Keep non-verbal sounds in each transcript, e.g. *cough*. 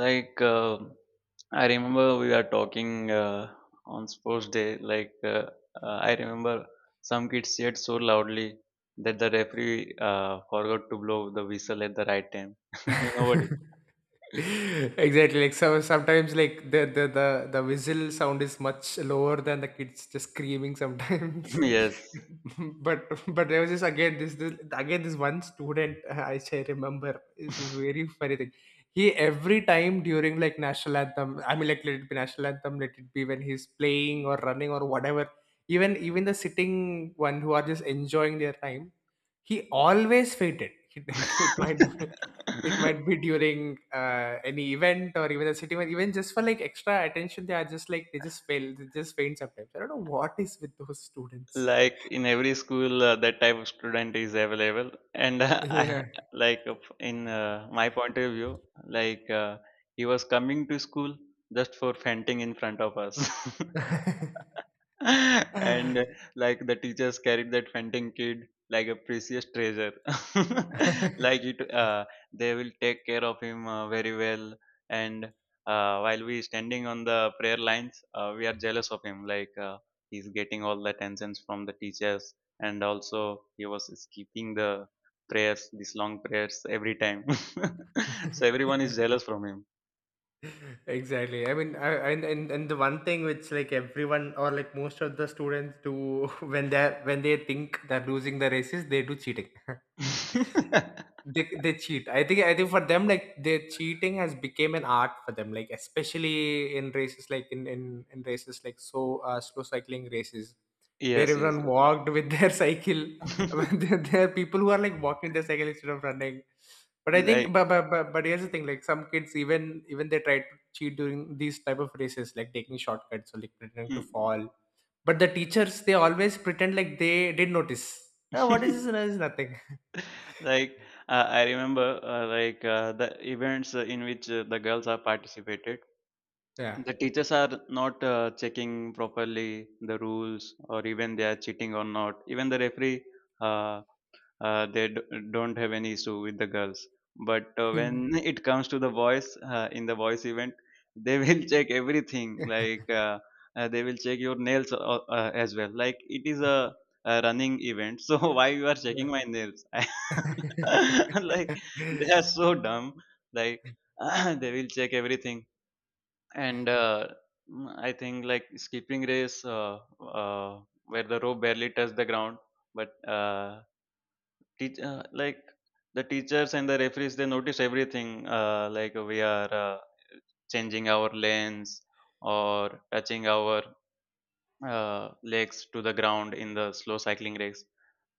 Like um I remember we were talking on sports day. I remember some kids cheered so loudly that the referee forgot to blow the whistle at the right time. *laughs* You know what? *laughs* Exactly. Sometimes the whistle sound is much lower than the kids just screaming *laughs* sometimes. Yes. *laughs* But there was just again this one student I say remember is very funny thing. He every time during like national anthem, I mean like let it be national anthem, let it be when he's playing or running or whatever. Even the sitting one who are just enjoying their time, he always fainted. *laughs* It, it might. be- it might *laughs* be during any event or even a city event, even just for like extra attention they are just like they just fail they just faint sometimes. I don't know what is with those students. Like in every school, that type of student is available, and *laughs* I, Yeah. like in my point of view, like uh, he was coming to school just for fainting in front of us. *laughs* *laughs* and like the teachers carried that fainting kid like a precious treasure. *laughs* like it they will take care of him very well, and while we standing on the prayer lines, we are jealous of him. He's getting all the attentions from the teachers, and also he was skipping the prayers, these long prayers, every time. *laughs* So everyone is jealous from him. exactly I mean I, and the one thing which like everyone or like most of the students do *laughs* when they are when they think they're losing the races, they do cheating. *laughs* *laughs* They cheat. I think for them like their cheating has became an art for them. Like especially in races like in races like so slow cycling races where Yes, everyone yes. walked with their *laughs* cycle. *laughs* There are people who are like walking their cycle instead of running. But I think *laughs* Like but here's the thing, like some kids even they try to cheat during these type of races, like taking shortcuts or like pretending to mm. fall. But the teachers, they always pretend like they did notice. Oh, what is this? *laughs* It's nothing. *laughs* like I remember the events in which the girls are participated, Yeah. the teachers are not checking properly the rules, or even they are cheating or not, even the referee, uh, uh, they d- don't have any issue with the girls. But when it comes to the boys, in the boys event they will *laughs* check everything. *laughs* They will check your nails as well. Like it is a running event, so *laughs* why you are Yeah. checking my nails? *laughs* Like *laughs* they are so dumb. Like *clears throat* they will check everything. And I think like skipping race, where the rope barely touched the ground. But like the teachers and the referees, they notice everything. Uh, like we are changing our lanes or touching our legs to the ground in the slow cycling race.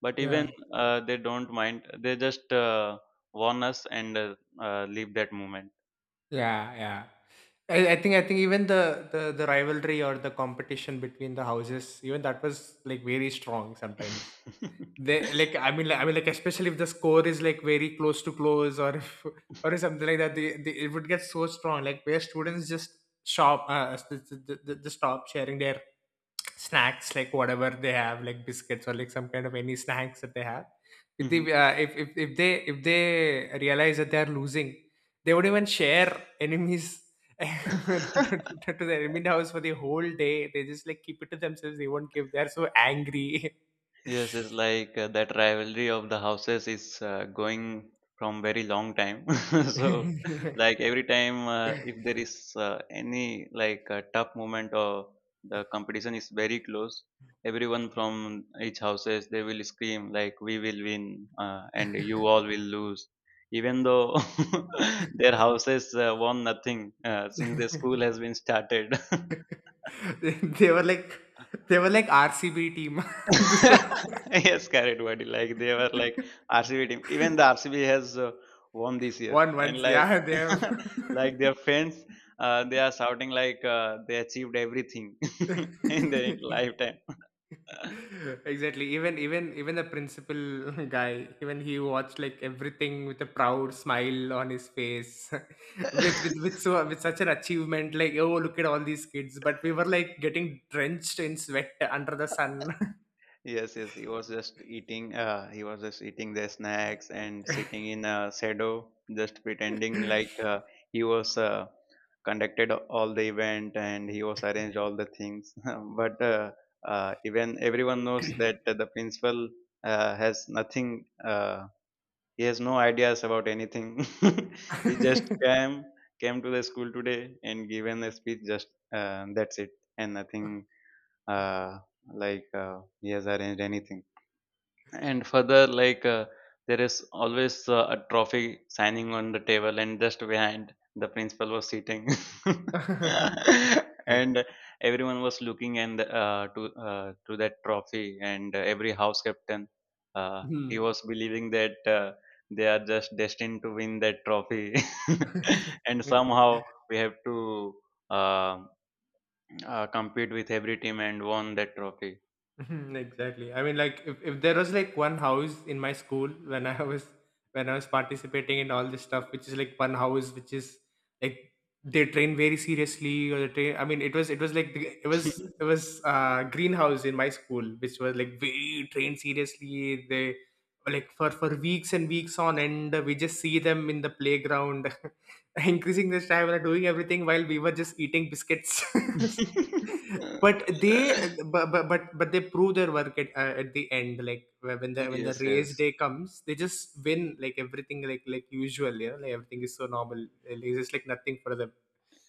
But even Yeah, they don't mind. They just warn us and leave that moment. Yeah, yeah. I think even the rivalry or the competition between the houses, even that was like very strong sometimes. *laughs* They like I mean like, I mean like especially if the score is like very close to close, or if *laughs* or something like that, it would get so strong. Like where students just just stop sharing their snacks, like whatever they have, like biscuits or like some kind of any snacks that they have. If they Mhm. uh, if they if they realize that they are losing, they would even share enemies *laughs* to, to *laughs* to the enemy house for the whole day. They just like keep it to themselves. They won't give. They're so angry. Yes, it's like that rivalry of the houses is going from very long time. *laughs* *laughs* So, they like every time, if there is any like a tough moment, or the competition is very close, everyone from each houses they will scream like we will win, and you all will lose. Even though *laughs* their houses won nothing since the school has been started. *laughs* they were like they were like RCB team. *laughs* before *laughs* Yes, carried Vardy. Like they were like RCB team. Even the RCB has won this year, one and once. like Yeah, they. Have. *laughs* like their fans, they are shouting like they achieved everything *laughs* in their *laughs* lifetime. *laughs* exactly even the principal *laughs* guy, even he watched like everything with a proud smile on his face *laughs* with with *laughs* with so with such an achievement, like oh look at all these kids, but we were like getting drenched in sweat under the sun. Yes, yes, he was just eating. He was just eating the snacks and sitting in a shadow, just pretending like he was conducted all the event and he was arranged all the things. *laughs* But even everyone knows that the principal has nothing. He has no ideas about anything. *laughs* He just *laughs* came to the school today and given a speech. Just that's it, and nothing uh, like he has arranged anything. And further like, there is always a trophy signing on the table, and just behind the principal was sitting. *laughs* *laughs* And everyone was looking and to that trophy, and every house captain, uh, he Hmm. was believing that they are just destined to win that trophy. *laughs* And *laughs* somehow we have to uh, compete with every team and won that trophy. *laughs* Mhm, exactly. I mean, like if there was like one house in my school *laughs* when I was participating in all this stuff, which is like one house which is like they train very seriously. Or they train. I mean, it was it was it was greenhouse in my school, which was like very trained seriously. They like for weeks and weeks on end, we just see them in the playground, *laughs* increasing the stamina, doing everything while we were just eating biscuits. *laughs* but they *laughs* but they prove their work at the end, like when the when the Yes, race day comes, they just win like everything like usual, you know, like everything is so normal. Like, it's just like nothing for them.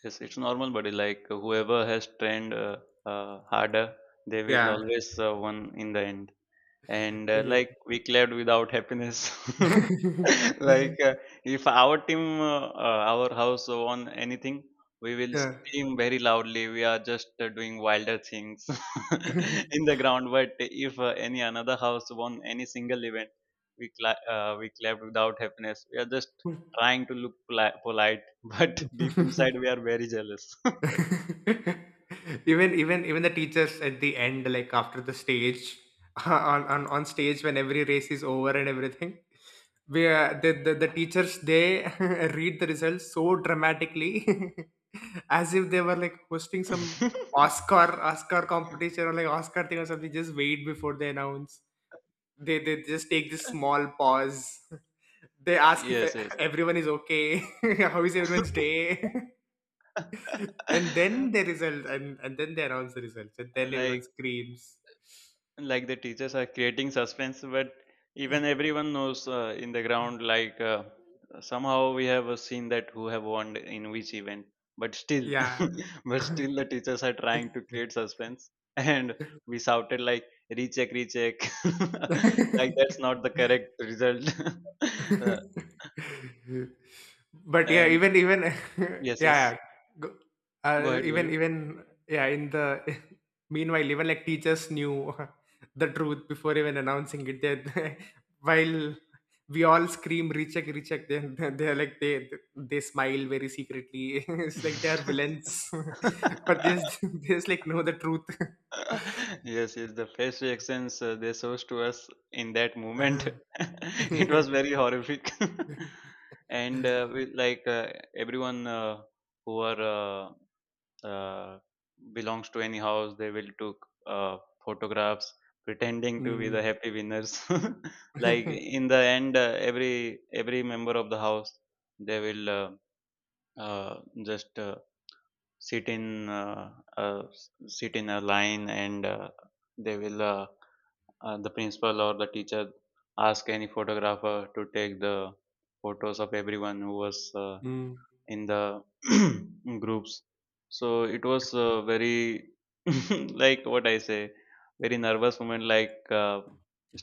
yes. It's normal, buddy. Like whoever has trained harder, they will Yeah, always win in the end. And like exactly. we clapped without happiness. *laughs* like uh, if our team, our house won anything, we will scream very loudly, we are just doing wilder things *laughs* Yeah. *laughs* in the ground. But if any another house won any single event, we we clapped without happiness, we are just trying to look polite. *laughs* But deep inside we are *laughs* very jealous. *laughs* Even the teachers at the end, like after the stage, *laughs* on stage when every race is over and everything, we the teachers they *laughs* read the results so dramatically, *laughs* as if they were like hosting some *laughs* oscar competition or like oscar thing or something. Just wait before they announce, they just take this small pause. *laughs* They ask if Yes, yes. everyone is okay. *laughs* How is everyone's day? *laughs* And then *laughs* the result. And then they announce the results, and then everyone like screams. like the teachers are creating suspense, but even everyone knows in the ground like somehow we have seen that who have won in which event, but still Yeah. *laughs* but still the teachers are trying to create suspense, and we *laughs* shouted like recheck, recheck. *laughs* Like that's not the correct result. *laughs* Uh, *laughs* but yeah and even *laughs* yes, yeah, yes, yeah. Go- go ahead, even even yeah in the *laughs* meanwhile, even like teachers knew *laughs* the truth before even announcing it. They *laughs* while we all scream recheck recheck, then they're like they smile very secretly. *laughs* It's like they are go villains *laughs* but they ahead. *laughs* just, *laughs* they just like know the truth. *laughs* *laughs* Yes, yes, the face reactions they shows to us in that moment, Uh-huh. *laughs* *laughs* it Yeah. was very horrific. *laughs* And we, like everyone who are uh, uh, belongs to any house, they will took photographs pretending to be the happy winners. *laughs* Like in the end, every member of the house, they will just sit in sit in a line, and they will, the principal or the teacher ask any photographer to take the photos of everyone who was Mm. *laughs* in the *clears throat* groups. So it was very *laughs* like what I say, very nervous moment. Like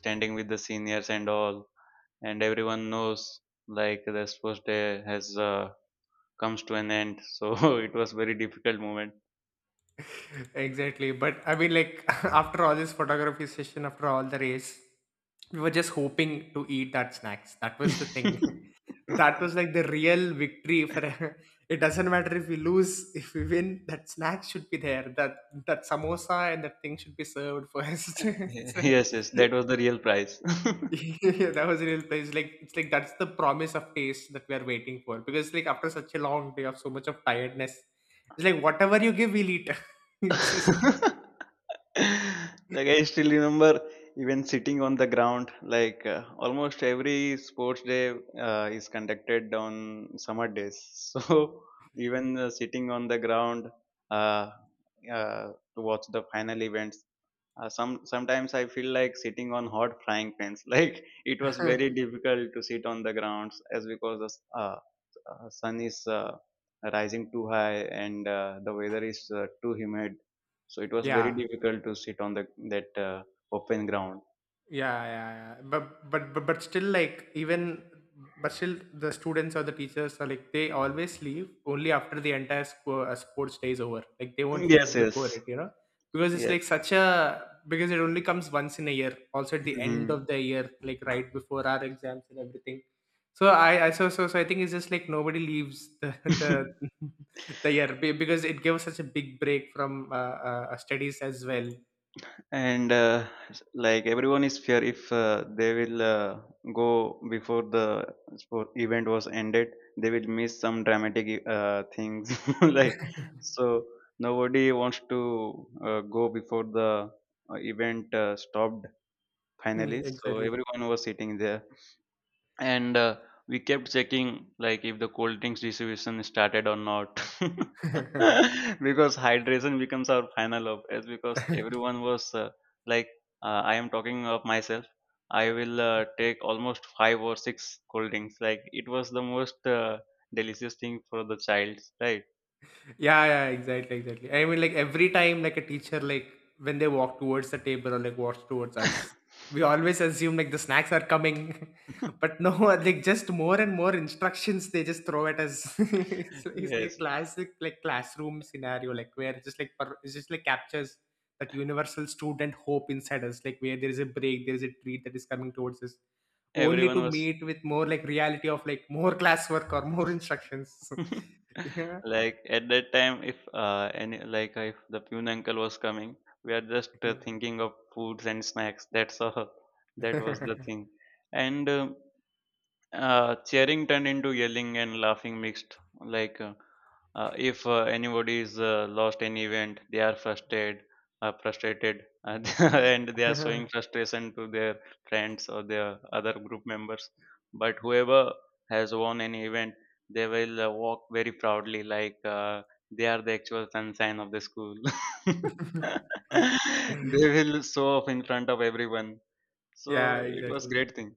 standing with the seniors and all, and everyone knows like the sports day has comes to an end, so *laughs* it was very difficult moment. Exactly. But I mean, like, *laughs* after all this photography session, after all the race, we were just hoping to eat that snacks. That was the thing. *laughs* *laughs* That was like the real victory for *laughs* it doesn't matter if we lose, if we win, that snack should be there. That samosa and that thing should be served first. *laughs* It's like- Yes, yes, that was the real price. *laughs* *laughs* yeah, that was a real place. Like it's like that's the promise of taste that we are waiting for. Because like after such a long day of so much of tiredness, it's like whatever you give, we'll eat. *laughs* It's just Like I still remember even sitting on the ground, like almost every sports day is conducted on summer days. *laughs* So even sitting on the ground uh, uh, to watch the final events, sometimes I feel like sitting on hot frying pans. *laughs* Like it was very difficult to sit on the grounds as because the sun is rising too high, and the weather is too humid, so it was very yeah. difficult to sit on the that open ground. Yeah. But still, like even but still, the students or the teachers are like they always leave only after the entire sports day is over. Like they won't leave Yes, before yes, it, you know, because it's yeah. like such a because it only comes once in a year. Also at the end of Mhm. the year, like right before our exams and everything. So I so so so I think it's just like nobody leaves the *laughs* the *laughs* *laughs* the year because it gives such a big break from studies as well. And like everyone is fear if they will go before the sport event was ended, they will miss some dramatic things. *laughs* Like so nobody wants to go before the event stopped finally, *laughs* so exactly. everyone was sitting there. And we kept checking like if the cold drinks distribution started or not. *laughs* Because hydration becomes our final op, as because *laughs* everyone was like I am talking of myself, I will take almost five or six cold drinks, like it was the most delicious thing for the child, right? Yeah, yeah, exactly, exactly. I mean, like every time, like a teacher, like when they walk towards the table or like walks towards us, we always assume like the snacks are coming, *laughs* but no, *laughs* like just more and more instructions they just throw at us. *laughs* It's like a Yes, classic like classroom scenario, like where it's just like it's just like captures that universal student hope inside us, like where there is a break, there is a treat that is coming towards us, only to everyone was. meet with more like reality of like more *laughs* classwork or more instructions. *laughs* *laughs* Like at that time, if any like if the Pune uncle was coming, we are just yeah. thinking of foods and snacks. That's all. *laughs* That was the thing. *laughs* And cheering turned into yelling and laughing mixed. If anybody is lost an event, they are frustrated, frustrated, and *laughs* and they are showing frustration to their friends or their other group members. But whoever has won an event, they will walk very proudly, like they are the actual sunshine of the school. *laughs* They will show off in front of everyone. So Yeah, it was exactly. great thing.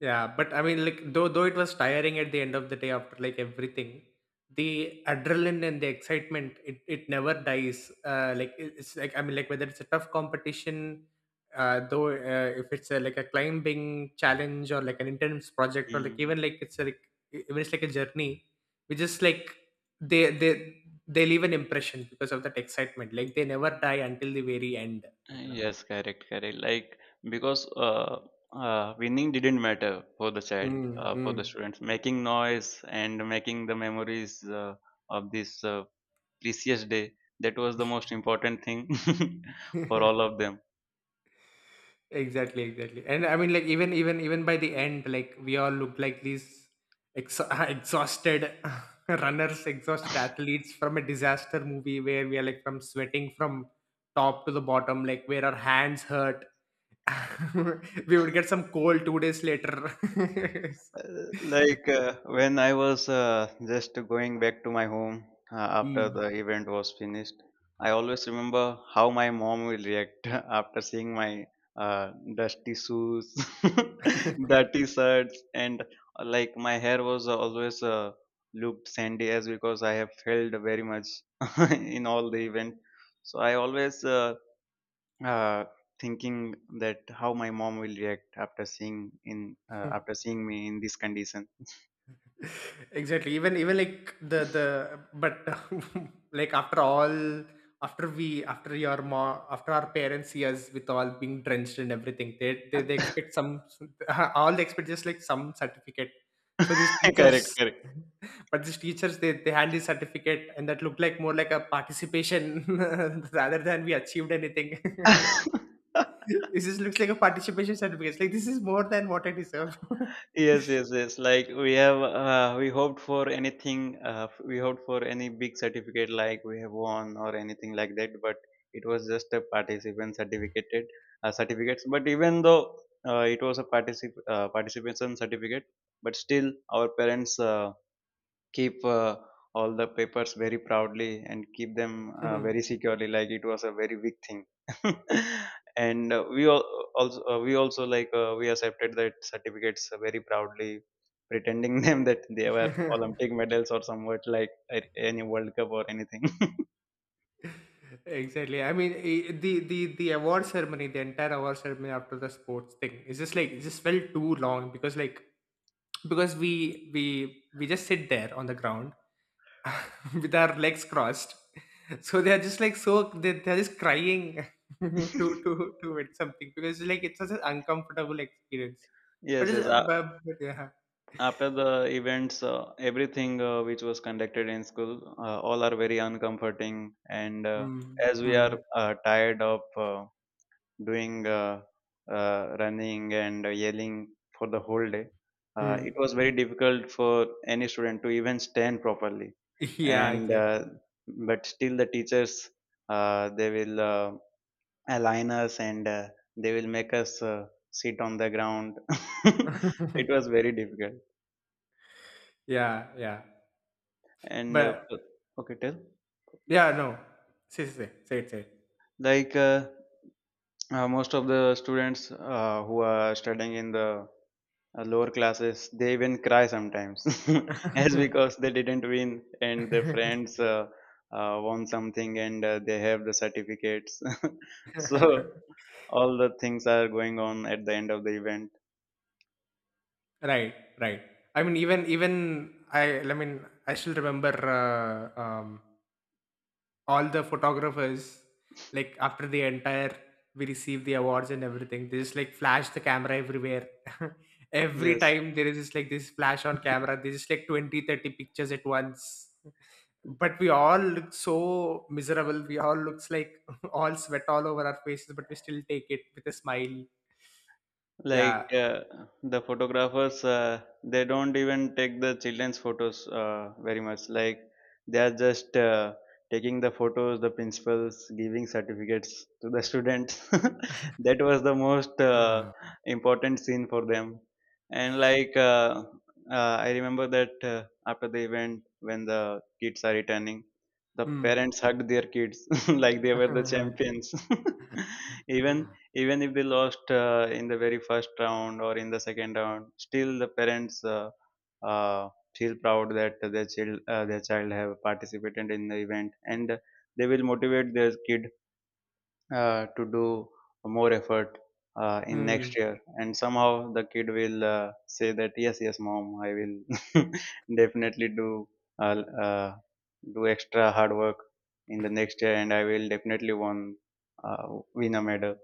Yeah, but I mean, like though it was tiring at the end of the day after like everything, the adrenaline and the excitement, it never dies. Like it's like I mean, like whether it's a tough competition, though if it's a, like a climbing challenge or like an intense project or like Mm. even like it's a, like even it's like a journey, we just like they they leave an impression because of that excitement. Like they never die until the very end. You know. Yes, correct, correct. Like because winning didn't matter for the child, Mm, for the hmm. students making noise and making the memories of this precious day, that was the most important thing *laughs* for all *laughs* of them. Exactly, exactly. And I mean, like even by the end, like we all looked like these ex- *laughs* exhausted *laughs* runners, exhausted athletes from a disaster movie where we are like from sweating from top to the bottom, like where our hands hurt. *laughs* We would get some cold two days later. *laughs* Like when I was just going back to my home after Hmm. the event was finished, I always remember how my mom will react *laughs* after seeing my dusty shoes, *laughs* dirty shirts, and like my hair was always looked sandy as because I have failed very much *laughs* in all the event. So I always uh, thinking that how my mom will react after seeing in after seeing me in this condition. exactly even even like the but *laughs* like after all after we after your mom after our parents see us with all being drenched and everything, they expect some *laughs* all they expect just like some certificate, so these *laughs* teachers. Correct, correct. *laughs* But these teachers, they hand this certificate and that looked like more like a participation *laughs* rather than we achieved anything. *laughs* *laughs* This just looks like a participation certificate. It's like this is more than what I deserve. *laughs* Yes, yes, yes. Like we have we hoped for anything, we hoped for any big certificate like we have won or anything like that, but it was just a participant certificate, certificates. But even though it was a participation certificate, but still our parents keep all the papers very proudly and keep them very Mhm. securely, like it was a very big thing. *laughs* And we all, also we also like we accepted that certificates very proudly, pretending *laughs* them that they were *laughs* Olympic medals or somewhat like any world cup or anything. *laughs* Exactly. I mean, the award ceremony, the entire award ceremony after the sports thing, is just like it just felt too long because like because we just sit there on the ground *laughs* with our legs crossed, so they are just like so they're just crying *laughs* to win something because like it's such an uncomfortable experience. But Yes, it's, yes. But yeah. After the events, everything which was conducted in school, all are very uncomforting. And Mm, as we are mm, tired of doing running and yelling for the whole day. It mm. was very difficult for any student to even stand properly. Yeah, And exactly. But still, the teachers they will align us, and they will make us sit on the ground. *laughs* It was *laughs* very difficult. yeah, yeah. And But okay, tell Yeah, no. Say it, say it. like Most of the students who are studying in the lower classes, they even cry sometimes *laughs* as because they didn't win, and their *laughs* friends won something, and they have the certificates. *laughs* So all the things are going on at the end of the event. right, right. Even I still remember uh, um, all the photographers like after the entire we received the awards and everything. They just like flash the camera everywhere. *laughs* Every Yes. time there is just like this flash on camera, there's just like 20, 30 pictures at once. But we all look so miserable, we all looks like *laughs* all sweat all over our faces, but we still take it with a smile, yeah. Like the photographers, they don't even take the children's photos very much. Like, they are just taking the photos, the principals giving certificates to the students. *laughs* That was the most *laughs* important scene for them. And I remember that after the event, when the kids are returning, the Hmm. parents hugged their kids *laughs* like they were the *laughs* champions. *laughs* Even, even if they lost in the very first round or in the second round, still the parents uh, feel proud that their child have participated in the event, and they will motivate their kid to do more effort in Hmm. next year. And somehow the kid will say that, "Yes, yes, mom, I will *laughs* definitely do uh, uh, do extra hard work in the next year, and I will definitely won uh, win a medal."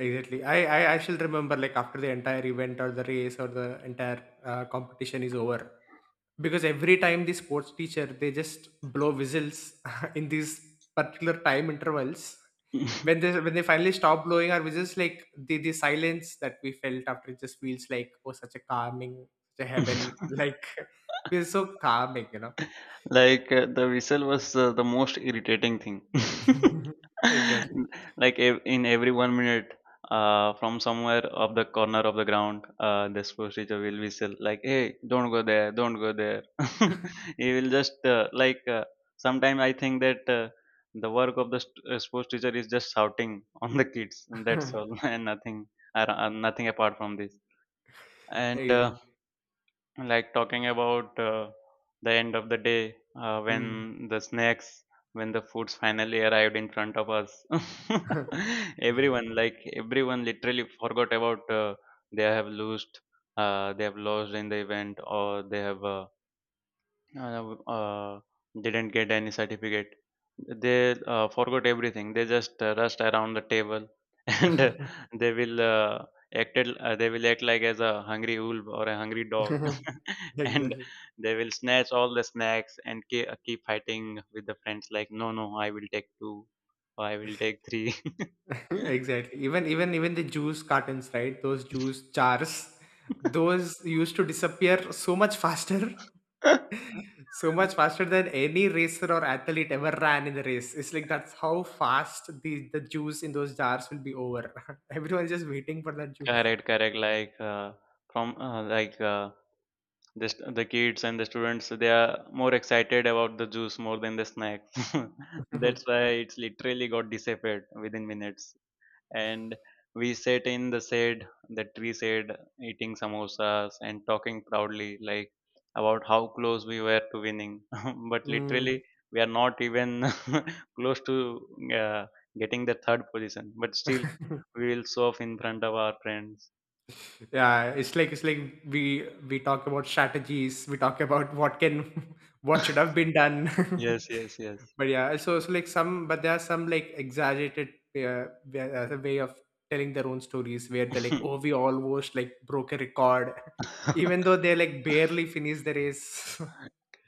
Exactly. I shall remember, like, after the entire event or the race or the entire competition is over, because every time the sports teacher, they just blow whistles *laughs* in these particular time intervals. When *laughs* they finally stop blowing our whistles, like, the silence that we felt after, it just feels like, oh, such a calming, such a heaven, *laughs* like *laughs* feels so calming. Like the whistle was the most irritating thing. *laughs* *laughs* Exactly. Like ev- in every 1 minute, from somewhere of the corner of the ground, the sports teacher will whistle like, "Hey, don't go there, don't go there." *laughs* He will just sometimes I think that the work of the sports teacher is just shouting on the kids, and that's all, *laughs* *laughs* and nothing, nothing apart from this. And Exactly. Like, talking about the end of the day, uh, when Mm. the snacks when the foods finally arrived in front of us, *laughs* everyone, like everyone literally forgot about they have lost they have lost in the event, or they have uh, uh, didn't get any certificate. They forgot everything. They just rushed around the table, *laughs* and *laughs* they will acted. They will act like as a hungry wolf or a hungry dog, *laughs* *laughs* and Exactly. they will snatch all the snacks and keep, keep fighting with the friends. Like, "No, no, I will take two, or I will take three." *laughs* *laughs* Exactly. Even the juice cartons, right, those juice jars, those used to disappear so much faster. *laughs* So much faster than any racer or athlete ever ran in the race. It's like that's how fast the juice in those jars will be over. *laughs* Everyone's just waiting for that juice. Correct, correct. Like from like. The st- The kids and the students, they are more excited about the juice more than the snacks. *laughs* Mhm. That's why it's literally got disappeared within minutes. And we sat in the shade, the tree shade, eating samosas and talking proudly like about how close we were to winning, *laughs* but Mm. literally we are not even *laughs* close to uh, getting the third position, but still *laughs* we will show off in front of our friends. Yeah, it's like, it's like we we talk about strategies, we talk about what can, *laughs* what should *laughs* have been done. Yes, yes, *laughs* But yeah, so like some, but there are some like exaggerated as way of telling their own stories, where they're like, yes. oh, we almost like broke a record, *laughs* even though *laughs* they like barely finished the race.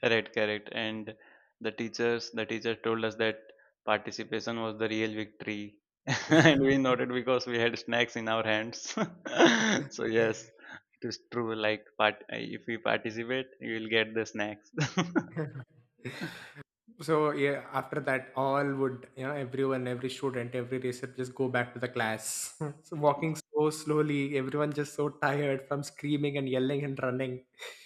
Right, correct. And the teachers, the teacher told us that participation was the real victory, *laughs* and we noted because we had snacks in our hands. *laughs* So yes, it is true. Like, part if we participate, you will get the snacks. *laughs* So yeah, after that, all would you know everyone, every student, every racer just go back to the class. *laughs* So walking so slowly, everyone just so tired from screaming and yelling and running.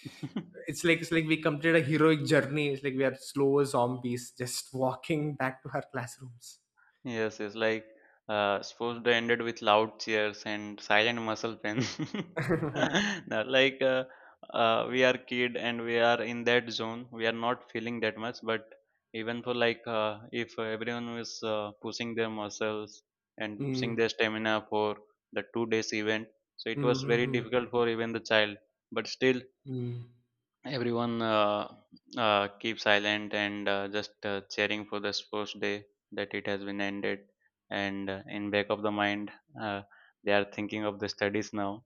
*laughs* It's like, we completed a heroic journey. It's like we are slow zombies just walking back to our classrooms. Yes, yes. Like sports day ended with loud cheers and silent muscle pain. *laughs* *laughs* Mm, No, like we are kid and we are in that zone. We are not feeling that much, but even for like, if everyone is pushing their muscles and pushing mm, their stamina for the 2 days event, so it was mm, very mm. difficult for even the child. But still, Mm. everyone keep silent, and just cheering for the sports day that it has been ended, and in back of the mind, uh, they are thinking of the studies now.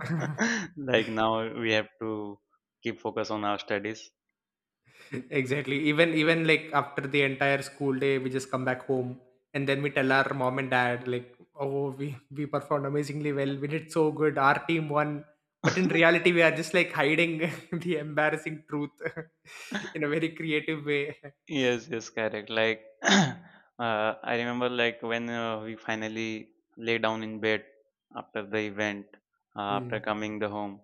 *laughs* Like, now we have to keep focus on our studies. *laughs* Exactly. Even like after the entire school day, we just come back home, and then we tell our mom and dad like, "Oh, we performed amazingly well. We did so good. Our team won." But in reality, *laughs* we are just like hiding *laughs* the embarrassing truth *laughs* in a very creative way. Yes, yes, correct. Like, *clears throat* I remember like when we finally lay down in bed after the event, after Mm. coming the home,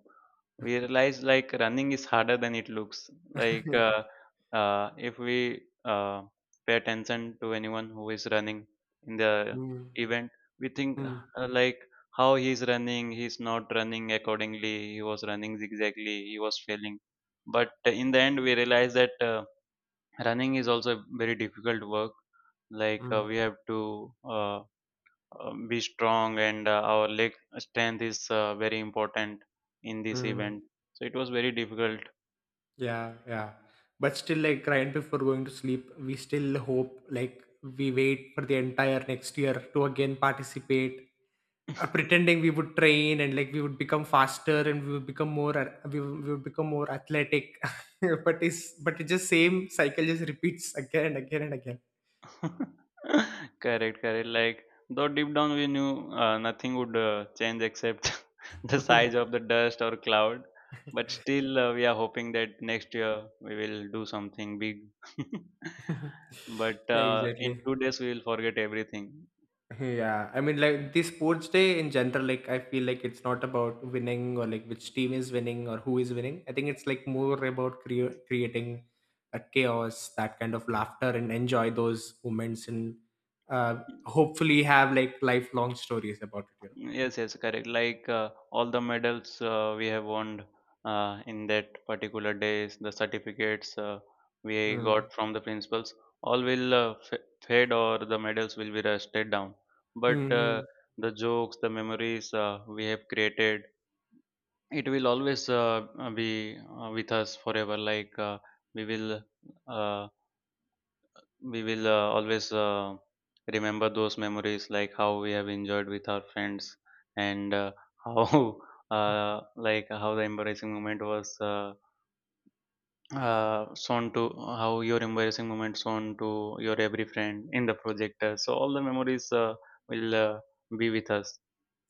we realized like running is harder than it looks. Like, *laughs* if we pay attention to anyone who is running in the Mm. event, we think Mm. Like how he's running, he's not running accordingly, he was running zigzagly, he was failing. But in the end, we realized that. Running is also a very difficult work. Like, Mm. we have to be strong, and our leg strength is very important in this Mm. *laughs* event, so it was very difficult. Yeah, yeah. But still, like right before going to sleep, we still hope, like, we wait for the entire next year to again participate, pretending we would train and like we would become faster and we would become more we would become more athletic, *laughs* but it's but it just same cycle just repeats again and again and again. *laughs* Correct, correct. Like, though deep down we knew nothing would change except *laughs* the size of *laughs* the dust or cloud, but still we are hoping that next year we will do something big. *laughs* But Yeah, in exactly. 2 days we will forget everything. Yeah, I mean, like the sports day in general, like I feel like it's not about winning or like which team is winning or who is winning. I think it's like more about creating a chaos, that kind of laughter, and enjoy those moments, and uh, hopefully have like lifelong stories about it, you Yes, yes, correct. Like, all the medals we have won in that particular days, the certificates know. we Mm. got from the principals, all will f fade, or the medals will be rusted down. But Mhm. the jokes, the memories we have created, it will always be with us forever. Like, we will uh, we will always remember those memories, like how we have enjoyed with our friends, and *laughs* how how the embarrassing moment was shown to how your embarrassing moment shown to your every friend in the projector, so all the memories will be with us.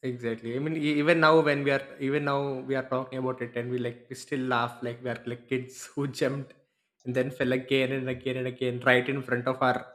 Exactly. I mean, even now when we are, even now we are talking about it, and we still laugh like we are like kids *laughs* who jumped and then fell again and again and again right in front of our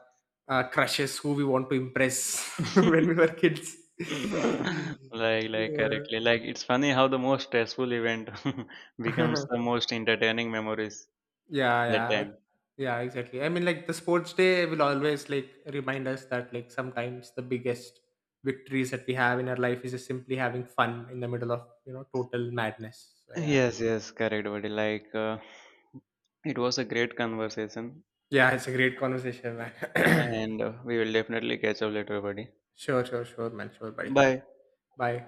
crushes who we want to impress *laughs* when we were kids. *laughs* Like correctly, Yeah, like, it's funny how the most stressful event *laughs* becomes *laughs* the most entertaining memories yeah, that yeah. time. Yeah, exactly. I mean, like the sports day will always like remind us that, like, sometimes the biggest victories that we have in our life is just simply having fun in the middle of, you know, total madness. So yeah. Yes, yes, correct, buddy. Like, it was a great conversation, Yeah, it's a great conversation, man. *clears throat* and we will definitely catch up later, buddy. Sure, sure, sure, man. Sure, buddy. Bye. Bye.